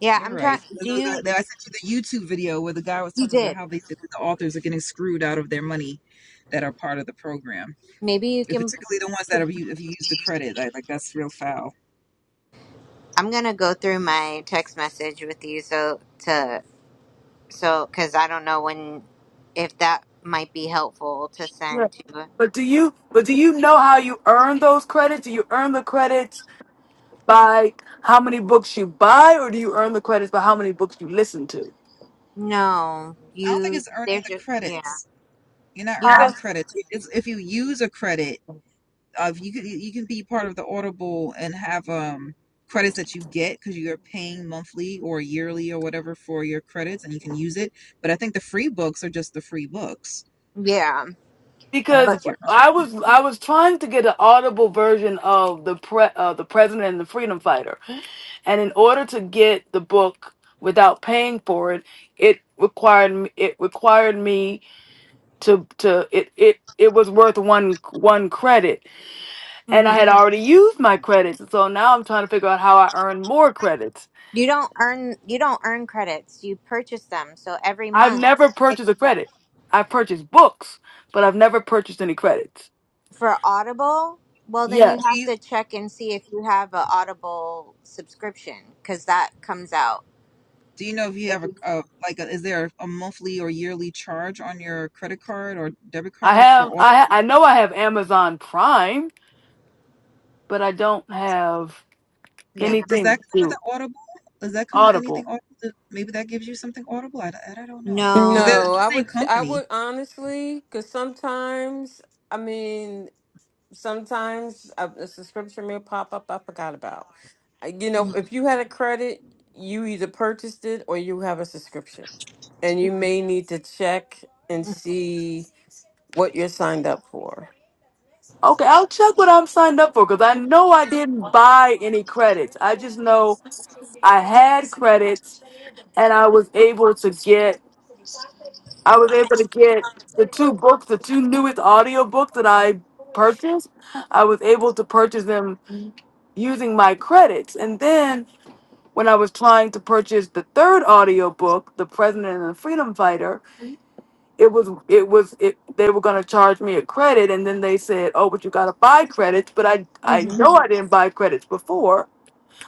Speaker 1: Yeah,
Speaker 2: You're
Speaker 1: I'm
Speaker 2: right.
Speaker 1: trying. Do
Speaker 2: There was
Speaker 1: you?
Speaker 2: that- there- I sent you the YouTube video where the guy was
Speaker 1: You
Speaker 2: talking about
Speaker 1: did.
Speaker 2: how they said that the authors are getting screwed out of their money that are part of the program,
Speaker 1: Maybe you
Speaker 2: It's
Speaker 1: can.
Speaker 2: particularly the ones that are u- if you use the credit, like, like that's real foul.
Speaker 1: I'm gonna go through my text message with you so to so because I don't know when if that might be helpful to
Speaker 4: Yeah,
Speaker 1: send to.
Speaker 4: But do you but do you know how you earn those credits? Do you earn the credits by how many books you buy or do you earn the credits by how many books you listen to?
Speaker 1: No,
Speaker 2: I don't think
Speaker 1: you.
Speaker 2: it's earning
Speaker 1: They're
Speaker 2: the
Speaker 1: just yeah.
Speaker 2: credits. You're not
Speaker 1: You
Speaker 2: earning
Speaker 1: just
Speaker 2: credits. It's if you use a credit, Of you can you can be part of the Audible and have um credits that you get because you're paying monthly or yearly or whatever for your credits and you can use it. But I think the free books are just the free books.
Speaker 1: yeah,
Speaker 2: I don't
Speaker 4: Because
Speaker 1: but
Speaker 2: think you're
Speaker 4: I
Speaker 2: earning.
Speaker 4: was I was trying to get an audible version of the pre, uh, the president and the freedom fighter. And in order to get the book without paying for it, it required me it required me to to it it it was worth one one credit and
Speaker 1: hmm
Speaker 4: I had already used my credits. So now I'm trying to figure out how I earn more credits.
Speaker 1: you don't earn you don't earn credits. You purchase them, so every
Speaker 4: I've
Speaker 1: month
Speaker 4: never
Speaker 1: it
Speaker 4: purchased a
Speaker 1: comes out
Speaker 4: credit. I've purchased books, but I've never purchased any credits.
Speaker 1: for Audible. Well, then
Speaker 4: Yeah,
Speaker 1: you
Speaker 2: Do
Speaker 1: have
Speaker 2: you
Speaker 1: to check and see if you have a Audible subscription because that comes out
Speaker 2: do you know if you have
Speaker 1: if
Speaker 2: a,
Speaker 1: you
Speaker 2: a like a, is there a monthly or yearly charge on your credit card or debit
Speaker 4: I
Speaker 2: card for
Speaker 4: have.
Speaker 2: Audible?
Speaker 4: I ha- I know I have Amazon Prime, but I don't have
Speaker 1: yeah
Speaker 2: Maybe, does
Speaker 4: anything
Speaker 2: that come with
Speaker 4: to
Speaker 2: the Audible? Does that come with
Speaker 4: Audible.
Speaker 2: anything Audible? Maybe that gives you something Audible. I, I don't know because they're
Speaker 1: no
Speaker 3: No,
Speaker 2: it's
Speaker 3: I
Speaker 2: the same
Speaker 3: would, ch- I
Speaker 2: company.
Speaker 3: would honestly, because sometimes, I mean. sometimes a, a subscription may pop up I forgot about. Uh, You know,
Speaker 1: No.
Speaker 3: if you had a credit, you either purchased it or you have a subscription. And you may need to check and
Speaker 1: Mm-hmm.
Speaker 3: see what you're signed up for.
Speaker 4: Okay, I'll check what I'm signed up for because I know I didn't buy any credits. I just know I had credits and I was able to get I was able to get the two books, the two newest audiobooks that I purchased. I was able to purchase them using my credits. And then when I was trying to purchase the third audiobook, The President and the Freedom Fighter, it was it was it they were gonna charge me a credit and then they said, Oh, but you gotta buy credits, but I I
Speaker 1: hmm
Speaker 4: know I didn't buy credits before.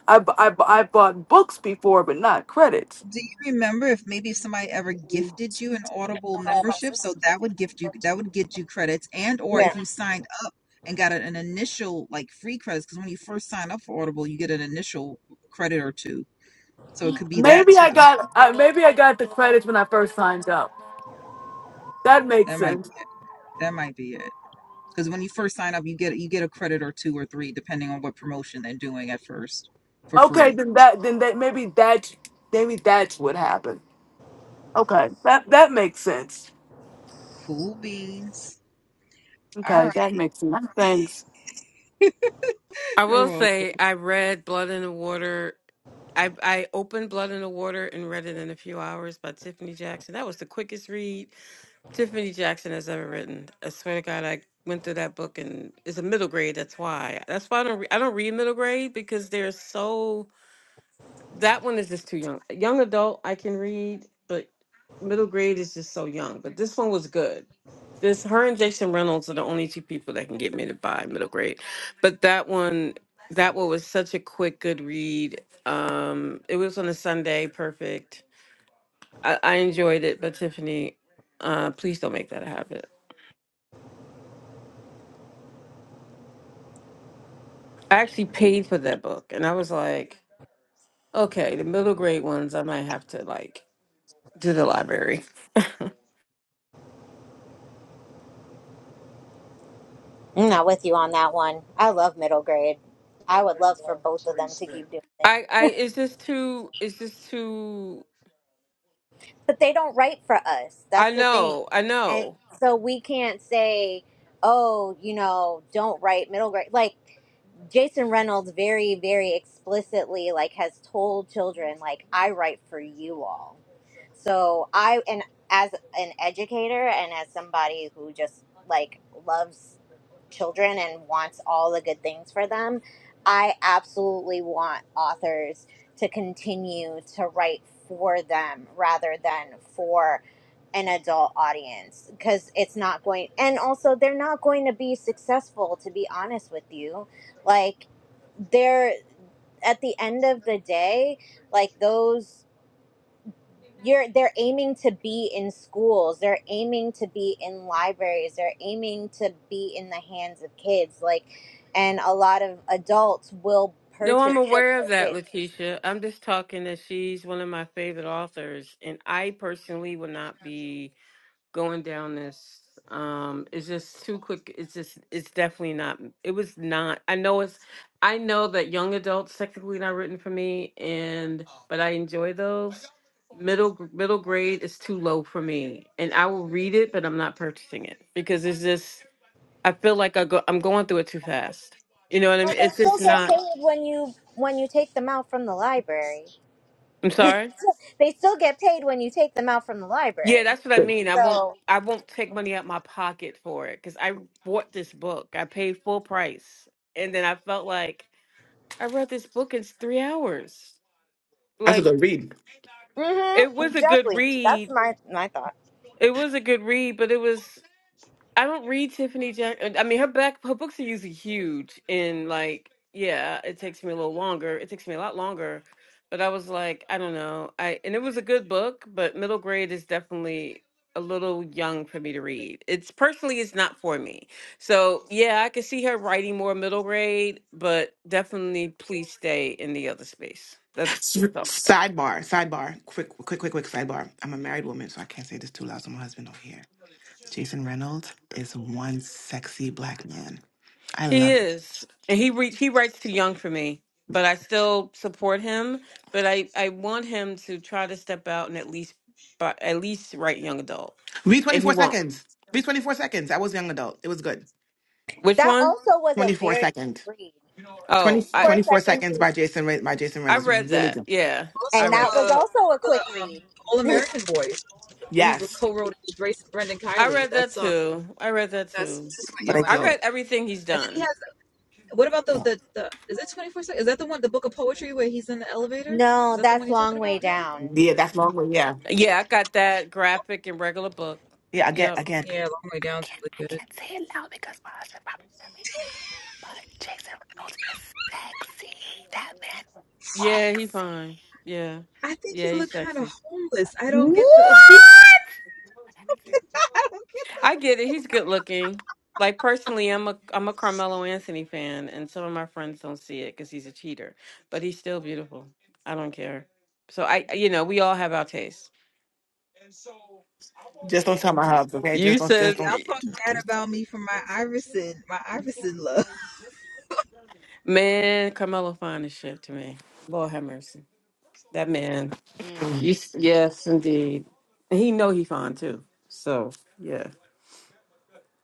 Speaker 4: I, bu- I, bu- I bought books before, but not credits.
Speaker 2: Do you remember if maybe if somebody ever gifted you an Audible membership? So that would gift you that would get you credits and or
Speaker 1: yeah
Speaker 2: if you signed up and got an initial like free credits because when you first sign up for Audible, you get an initial credit or two. So it could be that
Speaker 4: Maybe I
Speaker 2: too.
Speaker 4: got I, maybe I got the credits when I first signed up. That makes
Speaker 2: That might
Speaker 4: sense.
Speaker 2: be it. That might be it. Because when you first sign up, you get you get a credit or two or three depending on what promotion they're doing at first for
Speaker 4: Okay,
Speaker 2: free.
Speaker 4: then that then that maybe that maybe that's what happened. Okay, that that makes sense.
Speaker 2: Cool beans. All
Speaker 4: Okay,
Speaker 2: right,
Speaker 4: that makes sense. Thanks.
Speaker 3: I
Speaker 2: you're
Speaker 3: will
Speaker 2: welcome.
Speaker 3: say I read Blood in the Water. I I opened Blood in the Water and read it in a few hours by Tiffany Jackson. That was the quickest read Tiffany Jackson has ever written. I swear to God, I went through that book, and it's a middle grade. That's why. That's why I don't. Re- I don't read middle grade because they're so. That one is just too young. Young adult, I can read, but middle grade is just so young. But this one was good. This her and Jason Reynolds are the only two people that can get me to buy middle grade, but that one, that one was such a quick, good read. Um, it was on a Sunday, perfect. I, I enjoyed it, but Tiffany, uh, please don't make that a habit. I actually paid for that book, and I was like, okay, the middle grade ones, I might have to like do the library. I,
Speaker 1: I'm not with you on that one. I love middle grade. I would love for both of them to keep doing it,
Speaker 3: I, it's just too, it's just too.
Speaker 1: but they don't write for us.
Speaker 3: I
Speaker 1: That's the thing,
Speaker 3: know, I
Speaker 1: and
Speaker 3: know.
Speaker 1: so we can't say, oh, you know, don't write middle grade like. Jason Reynolds very, very explicitly like has told children like I write for you all. So I and as an educator and as somebody who just like loves children and wants all the good things for them, I absolutely want authors to continue to write for them rather than for an adult audience because it's not going and also they're not going to be successful to be honest with you like they're at the end of the day like those you're they're aiming to be in schools they're aiming to be in libraries they're aiming to be in the hands of kids like and a lot of adults will
Speaker 3: No,
Speaker 1: purchase
Speaker 3: I'm
Speaker 1: books
Speaker 3: aware of
Speaker 1: for
Speaker 3: that,
Speaker 1: kids
Speaker 3: Letitia. I'm just talking that she's one of my favorite authors, and I personally will not be going down this. Um, it's just too quick. It's just, it's definitely not. It was not. I know it's. I know that young adults technically not written for me, and but I enjoy those. Middle middle grade is too low for me, and I will read it, but I'm not purchasing it because it's just I feel like I go I'm going through it too fast. You know what I
Speaker 1: well
Speaker 3: mean? It's
Speaker 1: they still
Speaker 3: just
Speaker 1: get
Speaker 3: not.
Speaker 1: paid when you when you take them out from the library
Speaker 3: I'm sorry.
Speaker 1: they still get paid when you take them out from the
Speaker 3: Yeah,
Speaker 1: library
Speaker 3: that's what I mean. I won't
Speaker 1: so
Speaker 3: I won't take money out my pocket for it because I bought this book. I paid full price, and then I felt like I read this book in three hours.
Speaker 5: That's a
Speaker 3: Like
Speaker 5: good read.
Speaker 1: hmm
Speaker 3: it was a good
Speaker 1: exactly that's
Speaker 3: read.
Speaker 1: my my thought
Speaker 3: It was a good read, but it was. I don't read Tiffany Jack. I mean, her back her books are usually huge, and like, yeah, it takes me a little longer. It takes me a lot longer, but I was like, I don't know. I and it was a good book, but middle grade is definitely a little young for me to read. It's personally, it's not for me. So yeah, I could see her writing more middle grade, but definitely please stay in the other space. That's that's all I got.
Speaker 5: Sidebar, sidebar, quick, quick, quick, quick sidebar. I'm a married woman, so I can't say this too loud. So my husband don't hear. Jason Reynolds is one sexy black man. I
Speaker 3: He
Speaker 5: love.
Speaker 3: is, and he re- he writes too young for me. but I still support him. But I, I want him to try to step out and at least, but at least write young adult
Speaker 5: Be
Speaker 3: if he
Speaker 5: 24
Speaker 3: won't.
Speaker 5: seconds. Be 24 seconds. I was young adult. It was good.
Speaker 3: Which
Speaker 1: that
Speaker 3: one?
Speaker 1: also was a
Speaker 5: 24
Speaker 1: very
Speaker 5: second.
Speaker 1: quick read
Speaker 5: 20,
Speaker 3: Oh, I
Speaker 1: for a
Speaker 5: 24
Speaker 1: second
Speaker 5: seconds
Speaker 1: please.
Speaker 5: by Jason Re- by Jason
Speaker 3: I
Speaker 5: Reynolds.
Speaker 3: read
Speaker 5: Really
Speaker 3: that.
Speaker 5: good.
Speaker 3: Yeah,
Speaker 2: Also,
Speaker 3: I
Speaker 1: and
Speaker 3: read
Speaker 1: that
Speaker 3: that.
Speaker 1: was
Speaker 2: uh, all
Speaker 1: also a
Speaker 2: the
Speaker 1: quick read
Speaker 2: All American Boys. Well, he
Speaker 5: Yes,
Speaker 2: co-wrote it with Grace Brendan
Speaker 3: I
Speaker 2: Kylie.
Speaker 3: read that
Speaker 2: That's um,
Speaker 3: too. I read that
Speaker 2: that's
Speaker 3: too.
Speaker 2: that's where
Speaker 5: but
Speaker 3: I
Speaker 2: Yolando.
Speaker 5: again,
Speaker 3: read everything he's
Speaker 2: And then he
Speaker 3: done.
Speaker 2: has. What about the
Speaker 5: yeah,
Speaker 2: the, the Is it twenty four seconds? Is that the one, the book of poetry, where he's in the elevator? Is
Speaker 1: No,
Speaker 2: that the one
Speaker 1: that's
Speaker 2: you're talking
Speaker 1: long way
Speaker 2: about, Nelly?
Speaker 1: down.
Speaker 5: yeah that's long. Way, yeah,
Speaker 3: Yeah, I got that graphic and regular book.
Speaker 5: yeah. Again,
Speaker 3: Yep.
Speaker 5: again.
Speaker 2: Yeah, long way
Speaker 5: I
Speaker 2: down's
Speaker 5: can't.
Speaker 2: really
Speaker 5: I
Speaker 2: good.
Speaker 5: can't say it loud because my husband probably heard me. But Jason Reynolds is sexy. That man.
Speaker 3: Yeah, he
Speaker 5: Lexi.
Speaker 3: fine. Yeah.
Speaker 2: I think he
Speaker 3: Yeah, he's
Speaker 2: looked kind
Speaker 3: sexy.
Speaker 2: of homeless. I don't
Speaker 5: What?
Speaker 2: get the appeal. I don't get.
Speaker 3: I get it. He's good looking. Like personally, I'm a I'm a Carmelo Anthony fan, and some of my friends don't see it because he's a cheater. But he's still beautiful. I don't care. So I, you know, we all have our tastes.
Speaker 5: Just don't tell my hubs, okay? Just
Speaker 3: You
Speaker 5: don't, just
Speaker 3: said,
Speaker 2: The,
Speaker 5: don't.
Speaker 2: y'all talk
Speaker 5: Just
Speaker 2: bad
Speaker 5: don't.
Speaker 2: about me for my Iverson, my Iverson love.
Speaker 3: man, Carmelo fine as shit to me. Lord have mercy, that man.
Speaker 5: Mm.
Speaker 3: You, s- yes, indeed. And he know he fine too. So yeah.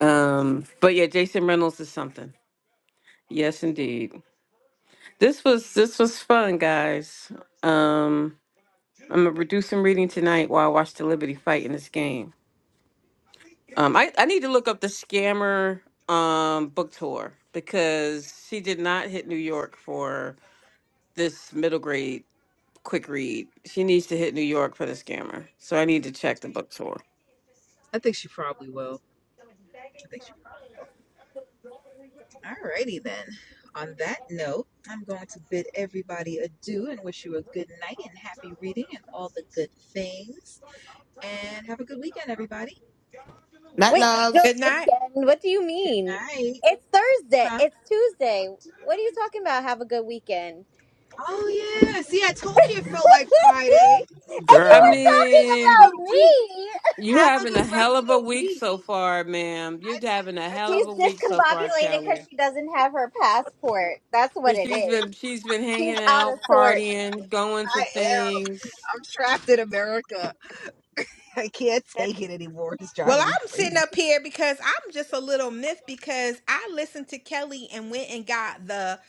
Speaker 3: Um, but yeah, Jason Reynolds is something. Yes, indeed. This was this was fun, guys. Um, I'm gonna reduce some reading tonight while I watch the Liberty fight in this game. Um, I I need to look up the scammer um book tour because she did not hit New York for this middle grade quick read. She needs to hit New York for the scammer, so I need to check the book tour.
Speaker 2: I think she probably will. I think she. Will. Alrighty then. On that note, I'm going to bid everybody adieu and wish you a good night and happy reading and all the good things. And have a good weekend, everybody.
Speaker 5: Night
Speaker 1: Wait, the
Speaker 5: loves,
Speaker 6: Good night.
Speaker 1: weekend? What do you
Speaker 2: Good
Speaker 1: mean?
Speaker 2: night.
Speaker 1: It's Thursday.
Speaker 2: Huh?
Speaker 1: It's Tuesday. What are you talking about? Have a good weekend.
Speaker 2: Oh yeah. See, I told you it
Speaker 1: and
Speaker 2: felt like Friday.
Speaker 3: I
Speaker 1: you
Speaker 5: girl.
Speaker 1: were
Speaker 2: All right.
Speaker 1: talking
Speaker 2: Have a
Speaker 3: mean,
Speaker 2: good
Speaker 1: about me.
Speaker 2: week.
Speaker 3: you
Speaker 2: Have a
Speaker 3: having a
Speaker 2: good rest
Speaker 3: hell
Speaker 2: of
Speaker 3: of a
Speaker 2: the
Speaker 3: week
Speaker 2: week.
Speaker 3: so far, ma'am. You're
Speaker 2: I t-
Speaker 3: having a
Speaker 2: I
Speaker 3: hell of
Speaker 1: She's
Speaker 2: told
Speaker 3: a week so far,
Speaker 1: discombobulated because
Speaker 3: Kelly.
Speaker 1: she doesn't have her passport. That's what
Speaker 3: 'Cause
Speaker 1: it
Speaker 3: She's
Speaker 1: is.
Speaker 3: been she's been
Speaker 1: She's
Speaker 3: hanging
Speaker 1: out of
Speaker 3: out,
Speaker 1: sorts.
Speaker 3: partying, going
Speaker 2: you.
Speaker 3: to
Speaker 2: I am.
Speaker 3: things.
Speaker 2: I'm trapped in America. I can't take it anymore. It's
Speaker 6: Well,
Speaker 2: driving me
Speaker 6: I'm sitting
Speaker 2: crazy.
Speaker 6: up here because I'm just a little miffed because I listened to Kelly and went and got the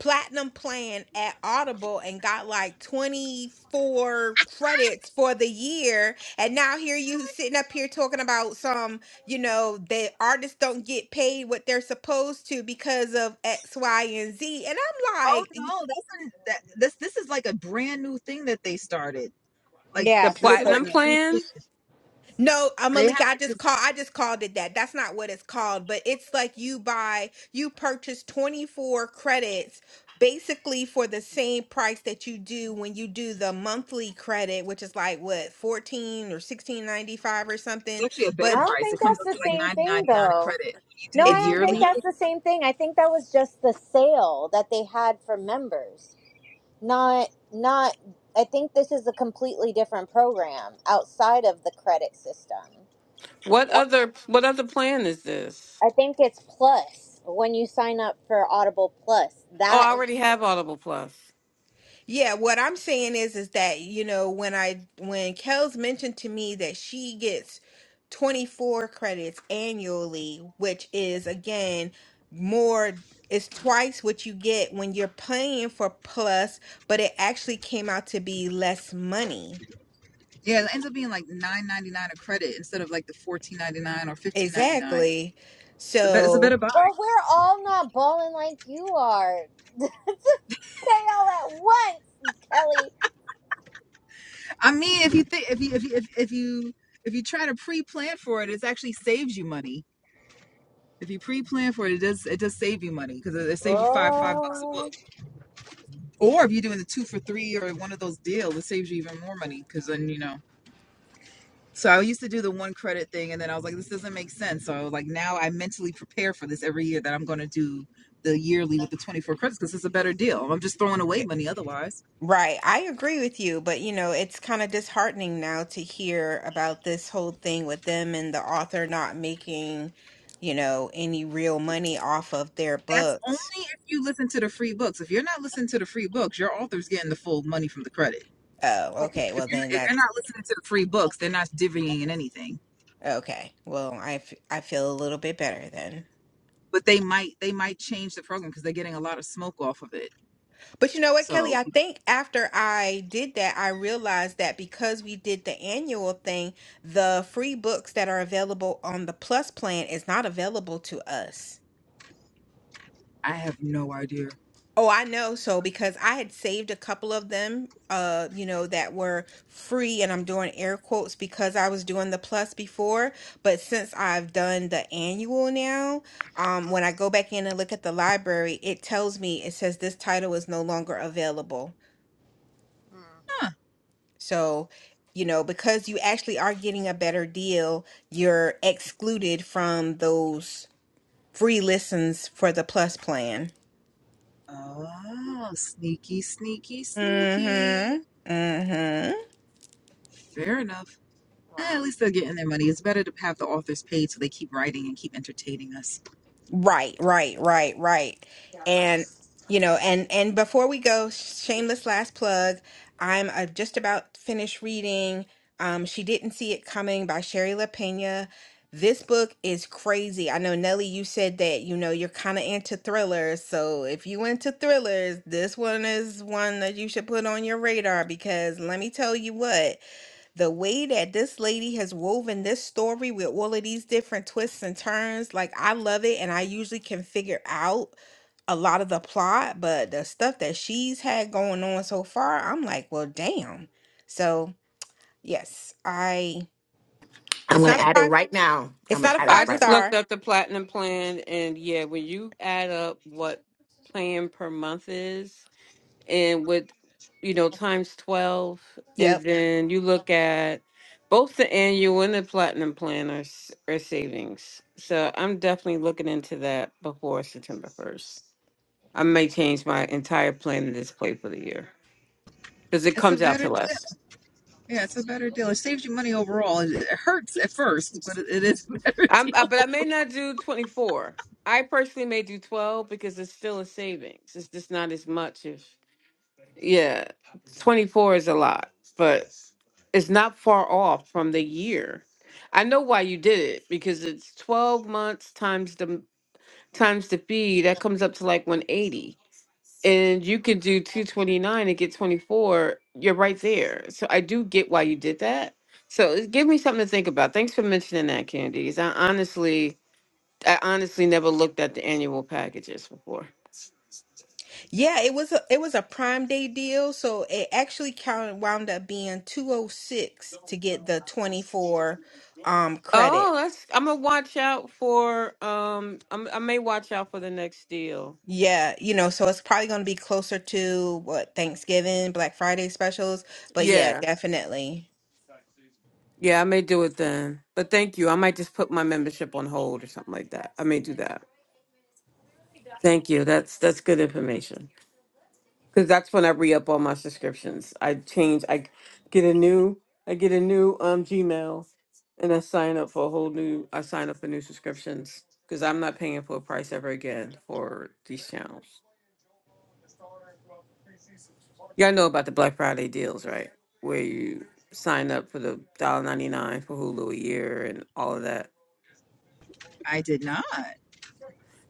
Speaker 6: platinum plan at Audible and got like 24 credits for the year. And now here you sitting up here talking about some, you know, the artists don't get paid what they're supposed to because of X, Y, and Z. And I'm
Speaker 2: Oh
Speaker 6: like,
Speaker 2: no, that's a, that this this is like a brand new thing that they started. Like
Speaker 3: The
Speaker 1: Yeah,
Speaker 2: this is
Speaker 1: super
Speaker 2: like
Speaker 3: platinum
Speaker 1: new.
Speaker 2: a new thing.
Speaker 3: plan?
Speaker 6: No, uh,
Speaker 2: They have
Speaker 6: Malika, I
Speaker 2: like
Speaker 6: just
Speaker 2: this.
Speaker 6: call I just called it that. That's not what it's called, but it's like you buy you purchase 24 credits basically for the same price that you do when you do the monthly credit, which is like what 14 or 16.95 or
Speaker 2: It's
Speaker 6: something,
Speaker 2: actually a better
Speaker 6: but
Speaker 1: I don't
Speaker 2: price. It
Speaker 1: think
Speaker 2: comes up
Speaker 1: that's
Speaker 2: to
Speaker 1: the
Speaker 2: like
Speaker 1: same
Speaker 2: ninety
Speaker 1: thing,
Speaker 2: ninety nine a
Speaker 1: though.
Speaker 2: credit. When you do
Speaker 1: No,
Speaker 2: the
Speaker 1: I
Speaker 6: it's
Speaker 1: don't think
Speaker 2: yearly
Speaker 1: that's
Speaker 2: thing,
Speaker 1: the same thing. I think that was just the sale that they had for members. Not not I think this is a completely different program outside of the credit system.
Speaker 3: What other what other plan is this?
Speaker 1: I think it's plus when you sign up for Audible Plus.
Speaker 3: Oh,
Speaker 1: That
Speaker 3: I already have Audible Plus.
Speaker 6: Yeah, what I'm saying is is that, you know, when I when Kels mentioned to me that she gets 24 credits annually, which is again more it's twice what you get when you're paying for plus, but it actually came out to be less money.
Speaker 2: yeah, it ends up being like nine ninety nine a credit instead of like the fourteen ninety nine or fifteen ninety nine.
Speaker 6: Exactly.
Speaker 2: It's a bet. It's a
Speaker 6: So,
Speaker 2: better buy.
Speaker 1: well, we're all not balling like you are. to say all at once, Kelly.
Speaker 2: I mean, if you think if you if you if, if you if you try to pre plan for it, it actually saves you money. If you pre plan for it, it does it does save you money because it, it saves you five five bucks a book.
Speaker 1: Oh,
Speaker 2: Or if you're doing the two for three or one of those deals, it saves you even more money because then you know. So I used to do the one credit thing, and then I was like, this doesn't make sense. So like now I mentally prepare for this every year that I'm going to do the yearly with the 24 credits because it's a better deal. I'm just throwing away money otherwise.
Speaker 6: Right. I agree with you, but you know, it's kind of disheartening now to hear about this whole thing with them and the author not making, you know, any real money off of their
Speaker 2: That's only
Speaker 6: books.
Speaker 2: if you listen to the free books. If you're not listening to the free books, your author's getting the full money from the credit.
Speaker 6: Oh, okay.
Speaker 2: If
Speaker 6: Well,
Speaker 2: you're,
Speaker 6: then
Speaker 2: if you're
Speaker 6: that's
Speaker 2: not listening to the free books, they're not divvying in anything.
Speaker 6: okay. Well, I, f I feel a little bit better then.
Speaker 2: But they might they might change the program because they're getting a lot of smoke off of it.
Speaker 6: But you know what, Kelly?
Speaker 2: So
Speaker 6: I think after I did that, I realized that because we did the annual thing, the free books that are available on the Plus plan is not available to us.
Speaker 2: I have no idea.
Speaker 6: Oh, I know. So because I had saved a couple of them, uh, you know, that were free, and I'm doing air quotes because I was doing the plus before, but since I've done the annual now, um, when I go back in and look at the library, it tells me it says this title is no longer available.
Speaker 1: Mm,
Speaker 2: Huh.
Speaker 6: So, you know, because you actually are getting a better deal, you're excluded from those free listens for the plus plan.
Speaker 2: Oh, sneaky, sneaky, sneaky.
Speaker 6: Mm-hmm. Mm-hmm.
Speaker 2: Fair enough. Eh,
Speaker 1: wow,
Speaker 2: at least they're getting their money. It's better to have the authors paid so they keep writing and keep entertaining us.
Speaker 6: Right, right, right, right. And you know, and and before we go, shameless last plug. I'm uh, just about finished reading. Um, she didn't see it coming by Sherry LaPena. This book is crazy. I know Nelly, you said that you know you're kind of into thrillers, so if you into thrillers, this one is one that you should put on your radar because let me tell you what the way that this lady has woven this story with all of these different twists and turns, like I love it. And I usually can figure out a lot of the plot, but the stuff that she's had going on so far, I'm like, well, damn. So yes, I it's not a five it's not a
Speaker 3: I
Speaker 6: five
Speaker 3: just looked
Speaker 6: star.
Speaker 3: up the platinum plan and yeah, when you add up what plan per month is and with you know times 12 and
Speaker 6: Yep.
Speaker 3: then you look at both the annual and the platinum plan are, s- are savings. So I'm definitely looking into that before September 1st. I may change my entire plan and display for the year because it
Speaker 2: It's a
Speaker 3: comes out to
Speaker 2: better deal.
Speaker 3: less.
Speaker 2: Yeah, it's a better deal. It saves you money overall. It it hurts at first, but it, it is a better
Speaker 3: I'm, I,
Speaker 2: deal
Speaker 3: but I may
Speaker 2: overall.
Speaker 3: not do 24. I personally may do 12 because it's still a savings. It's just not as much. If yeah, 24 is a lot, but it's not far off from the year. I know why you did it because it's 12 months times the times the fee that comes up to like 180. and you could do 229 and get 24 you're right there so i do get why you did that so it give me something to think about thanks for mentioning that Candice. i honestly i honestly never looked at the annual packages before
Speaker 6: Yeah, it was a it was a prime day deal, so it actually counted wound up being 206 to get the 24 um credits.
Speaker 3: oh that's i'm gonna watch out for um I'm, i may watch out for the next deal
Speaker 6: Yeah, you know, so it's probably going to be closer to what Thanksgiving, Black Friday specials, but yeah,
Speaker 3: yeah
Speaker 6: definitely.
Speaker 3: yeah i may do it then but thank you i might just put my membership on hold or something like that i may do that thank you that's that's good information because that's when I re up all my subscriptions. I change, I get a new, I get a new um Gmail, and I sign up for a whole new. I sign up for new subscriptions because I'm not paying full price ever again for these channels. Y'all know about the Black Friday deals, right? Where you sign up for the dollar ninety nine for Hulu a year and all of that.
Speaker 2: I did not.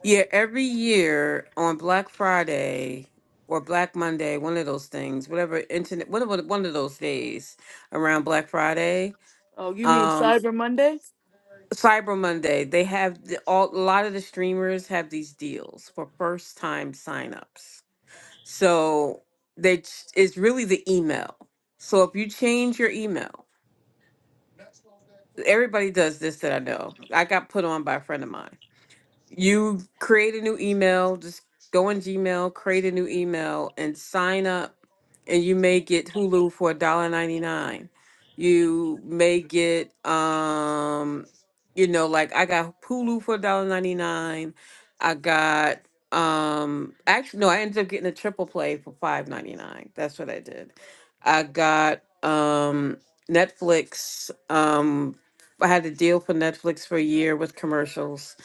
Speaker 3: Yeah, every year on Black Friday or Black Monday, one of those things, whatever internet, one of one of those days around Black Friday,
Speaker 4: Oh, you mean
Speaker 3: um
Speaker 4: Cyber Monday?
Speaker 3: cyber monday they have the, all, a lot of the streamers have these deals for first time signups so they ch- it's really the email so if you change your email everybody does this that i know i got put on by a friend of mine you create a new email just go in gmail create a new email and sign up and you may get hulu for a dollar ninety nine. you may get um you know like i got hulu for a dollar ninety nine. i got um actually no i ended up getting a triple play for five ninety nine. that's what i did i got um netflix um i had a deal for netflix for a year with commercials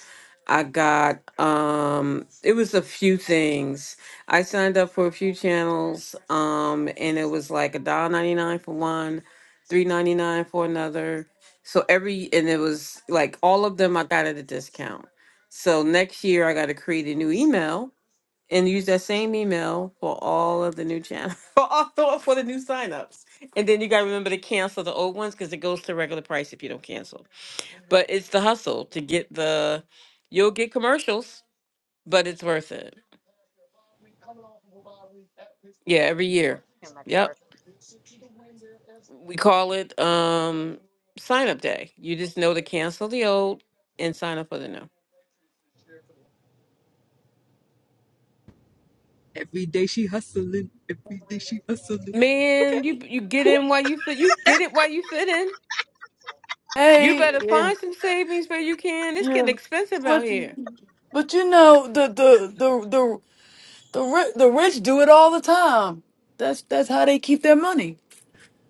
Speaker 3: I got um it was a few things. I signed up for a few channels, um, and it was like a dollar ninety nine for one, three ninety nine for another. So every and it was like all of them I got at a discount. So next year I gotta create a new email and use that same email for all of the new channels for all for the new signups. And then you gotta remember to cancel the old ones because it goes to regular price if you don't cancel. But it's the hustle to get the you'll get commercials, but it's worth it. Yeah, every year.
Speaker 1: too much work.
Speaker 3: Yep. We call it um sign up day. You just know to cancel the old and sign up for the new.
Speaker 2: Every day she hustling. Every day she hustling. Okay,
Speaker 3: Man, you you get
Speaker 2: cool.
Speaker 3: in while you fit you get it while you fit in. You
Speaker 4: Hey,
Speaker 3: better
Speaker 4: yeah,
Speaker 3: find some savings where you can. It's
Speaker 4: yeah.
Speaker 3: getting expensive
Speaker 4: But
Speaker 3: out here.
Speaker 4: but you know the the the the the, ri- the rich do it all the time. That's that's how they keep their money.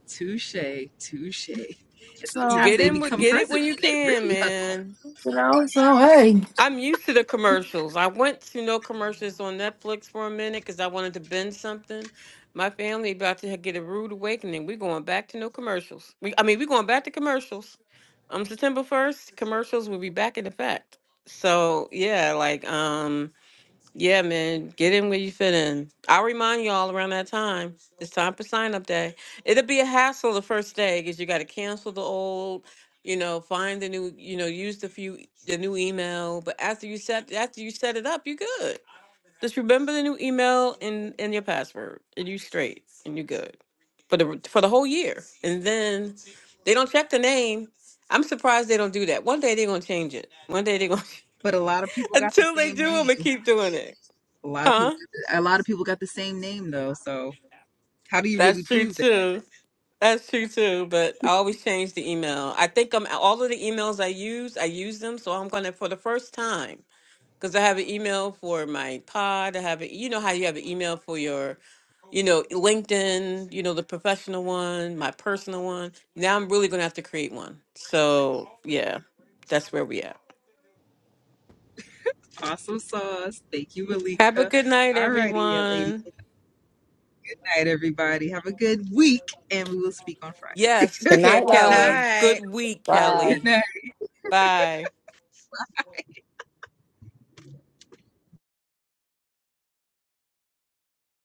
Speaker 2: Touche, touche. And
Speaker 3: You
Speaker 2: sometimes
Speaker 4: So
Speaker 3: get
Speaker 2: they
Speaker 3: in with
Speaker 2: become
Speaker 3: get it when
Speaker 2: president
Speaker 3: you
Speaker 2: and they
Speaker 3: can,
Speaker 2: really hustle.
Speaker 3: man.
Speaker 4: you know. So hey.
Speaker 3: I'm used to the commercials. I went to no commercials on Netflix for a minute because I wanted to binge something. My family about to get a rude awakening. We're going back to no commercials. We, I mean, we're going back to commercials. On September first, commercials will be back in effect. So yeah, like um. Yeah, man. Get in where you fit in. I'll remind you all around that time. It's time for sign up day. It'll be a hassle the first day because you got to cancel the old, you know, find the new, you know, use the few the new email. But after you set after you set it up, you good. Just remember the new email and and your password, and you straight and you good for the for the whole year. And then they don't check the name. I'm surprised they don't do that. One day they're gonna change it. One day they're gonna
Speaker 2: But a lot of people got the
Speaker 3: until they
Speaker 2: same
Speaker 3: do, I'm gonna
Speaker 2: name.
Speaker 3: keep doing it,
Speaker 2: A lot of people
Speaker 3: huh?
Speaker 2: got the, a lot of people got the same name though. So how do you really
Speaker 3: That's true
Speaker 2: prove that?
Speaker 3: too. That's true too. But I always change the email. I think I'm all of the emails I use, I use them. So I'm gonna for the first time because I have an email for my pod. I have a you know how you have an email for your, you know, LinkedIn. You know the professional one, my personal one. Now I'm really gonna have to create one. So yeah, that's where we at.
Speaker 2: Awesome sauce. Thank you,
Speaker 3: Have a
Speaker 2: Malika.
Speaker 3: good night,
Speaker 2: All righty, that lady.
Speaker 3: everyone.
Speaker 2: night, everybody. Have a good week, and we will speak on Friday.
Speaker 3: Yes,
Speaker 5: Good
Speaker 3: Ke-
Speaker 5: night,
Speaker 6: Good
Speaker 3: Kelly.
Speaker 5: loves.
Speaker 6: night.
Speaker 3: Good week,
Speaker 5: Bye.
Speaker 2: Good
Speaker 3: Kelly.
Speaker 2: night.
Speaker 3: Bye.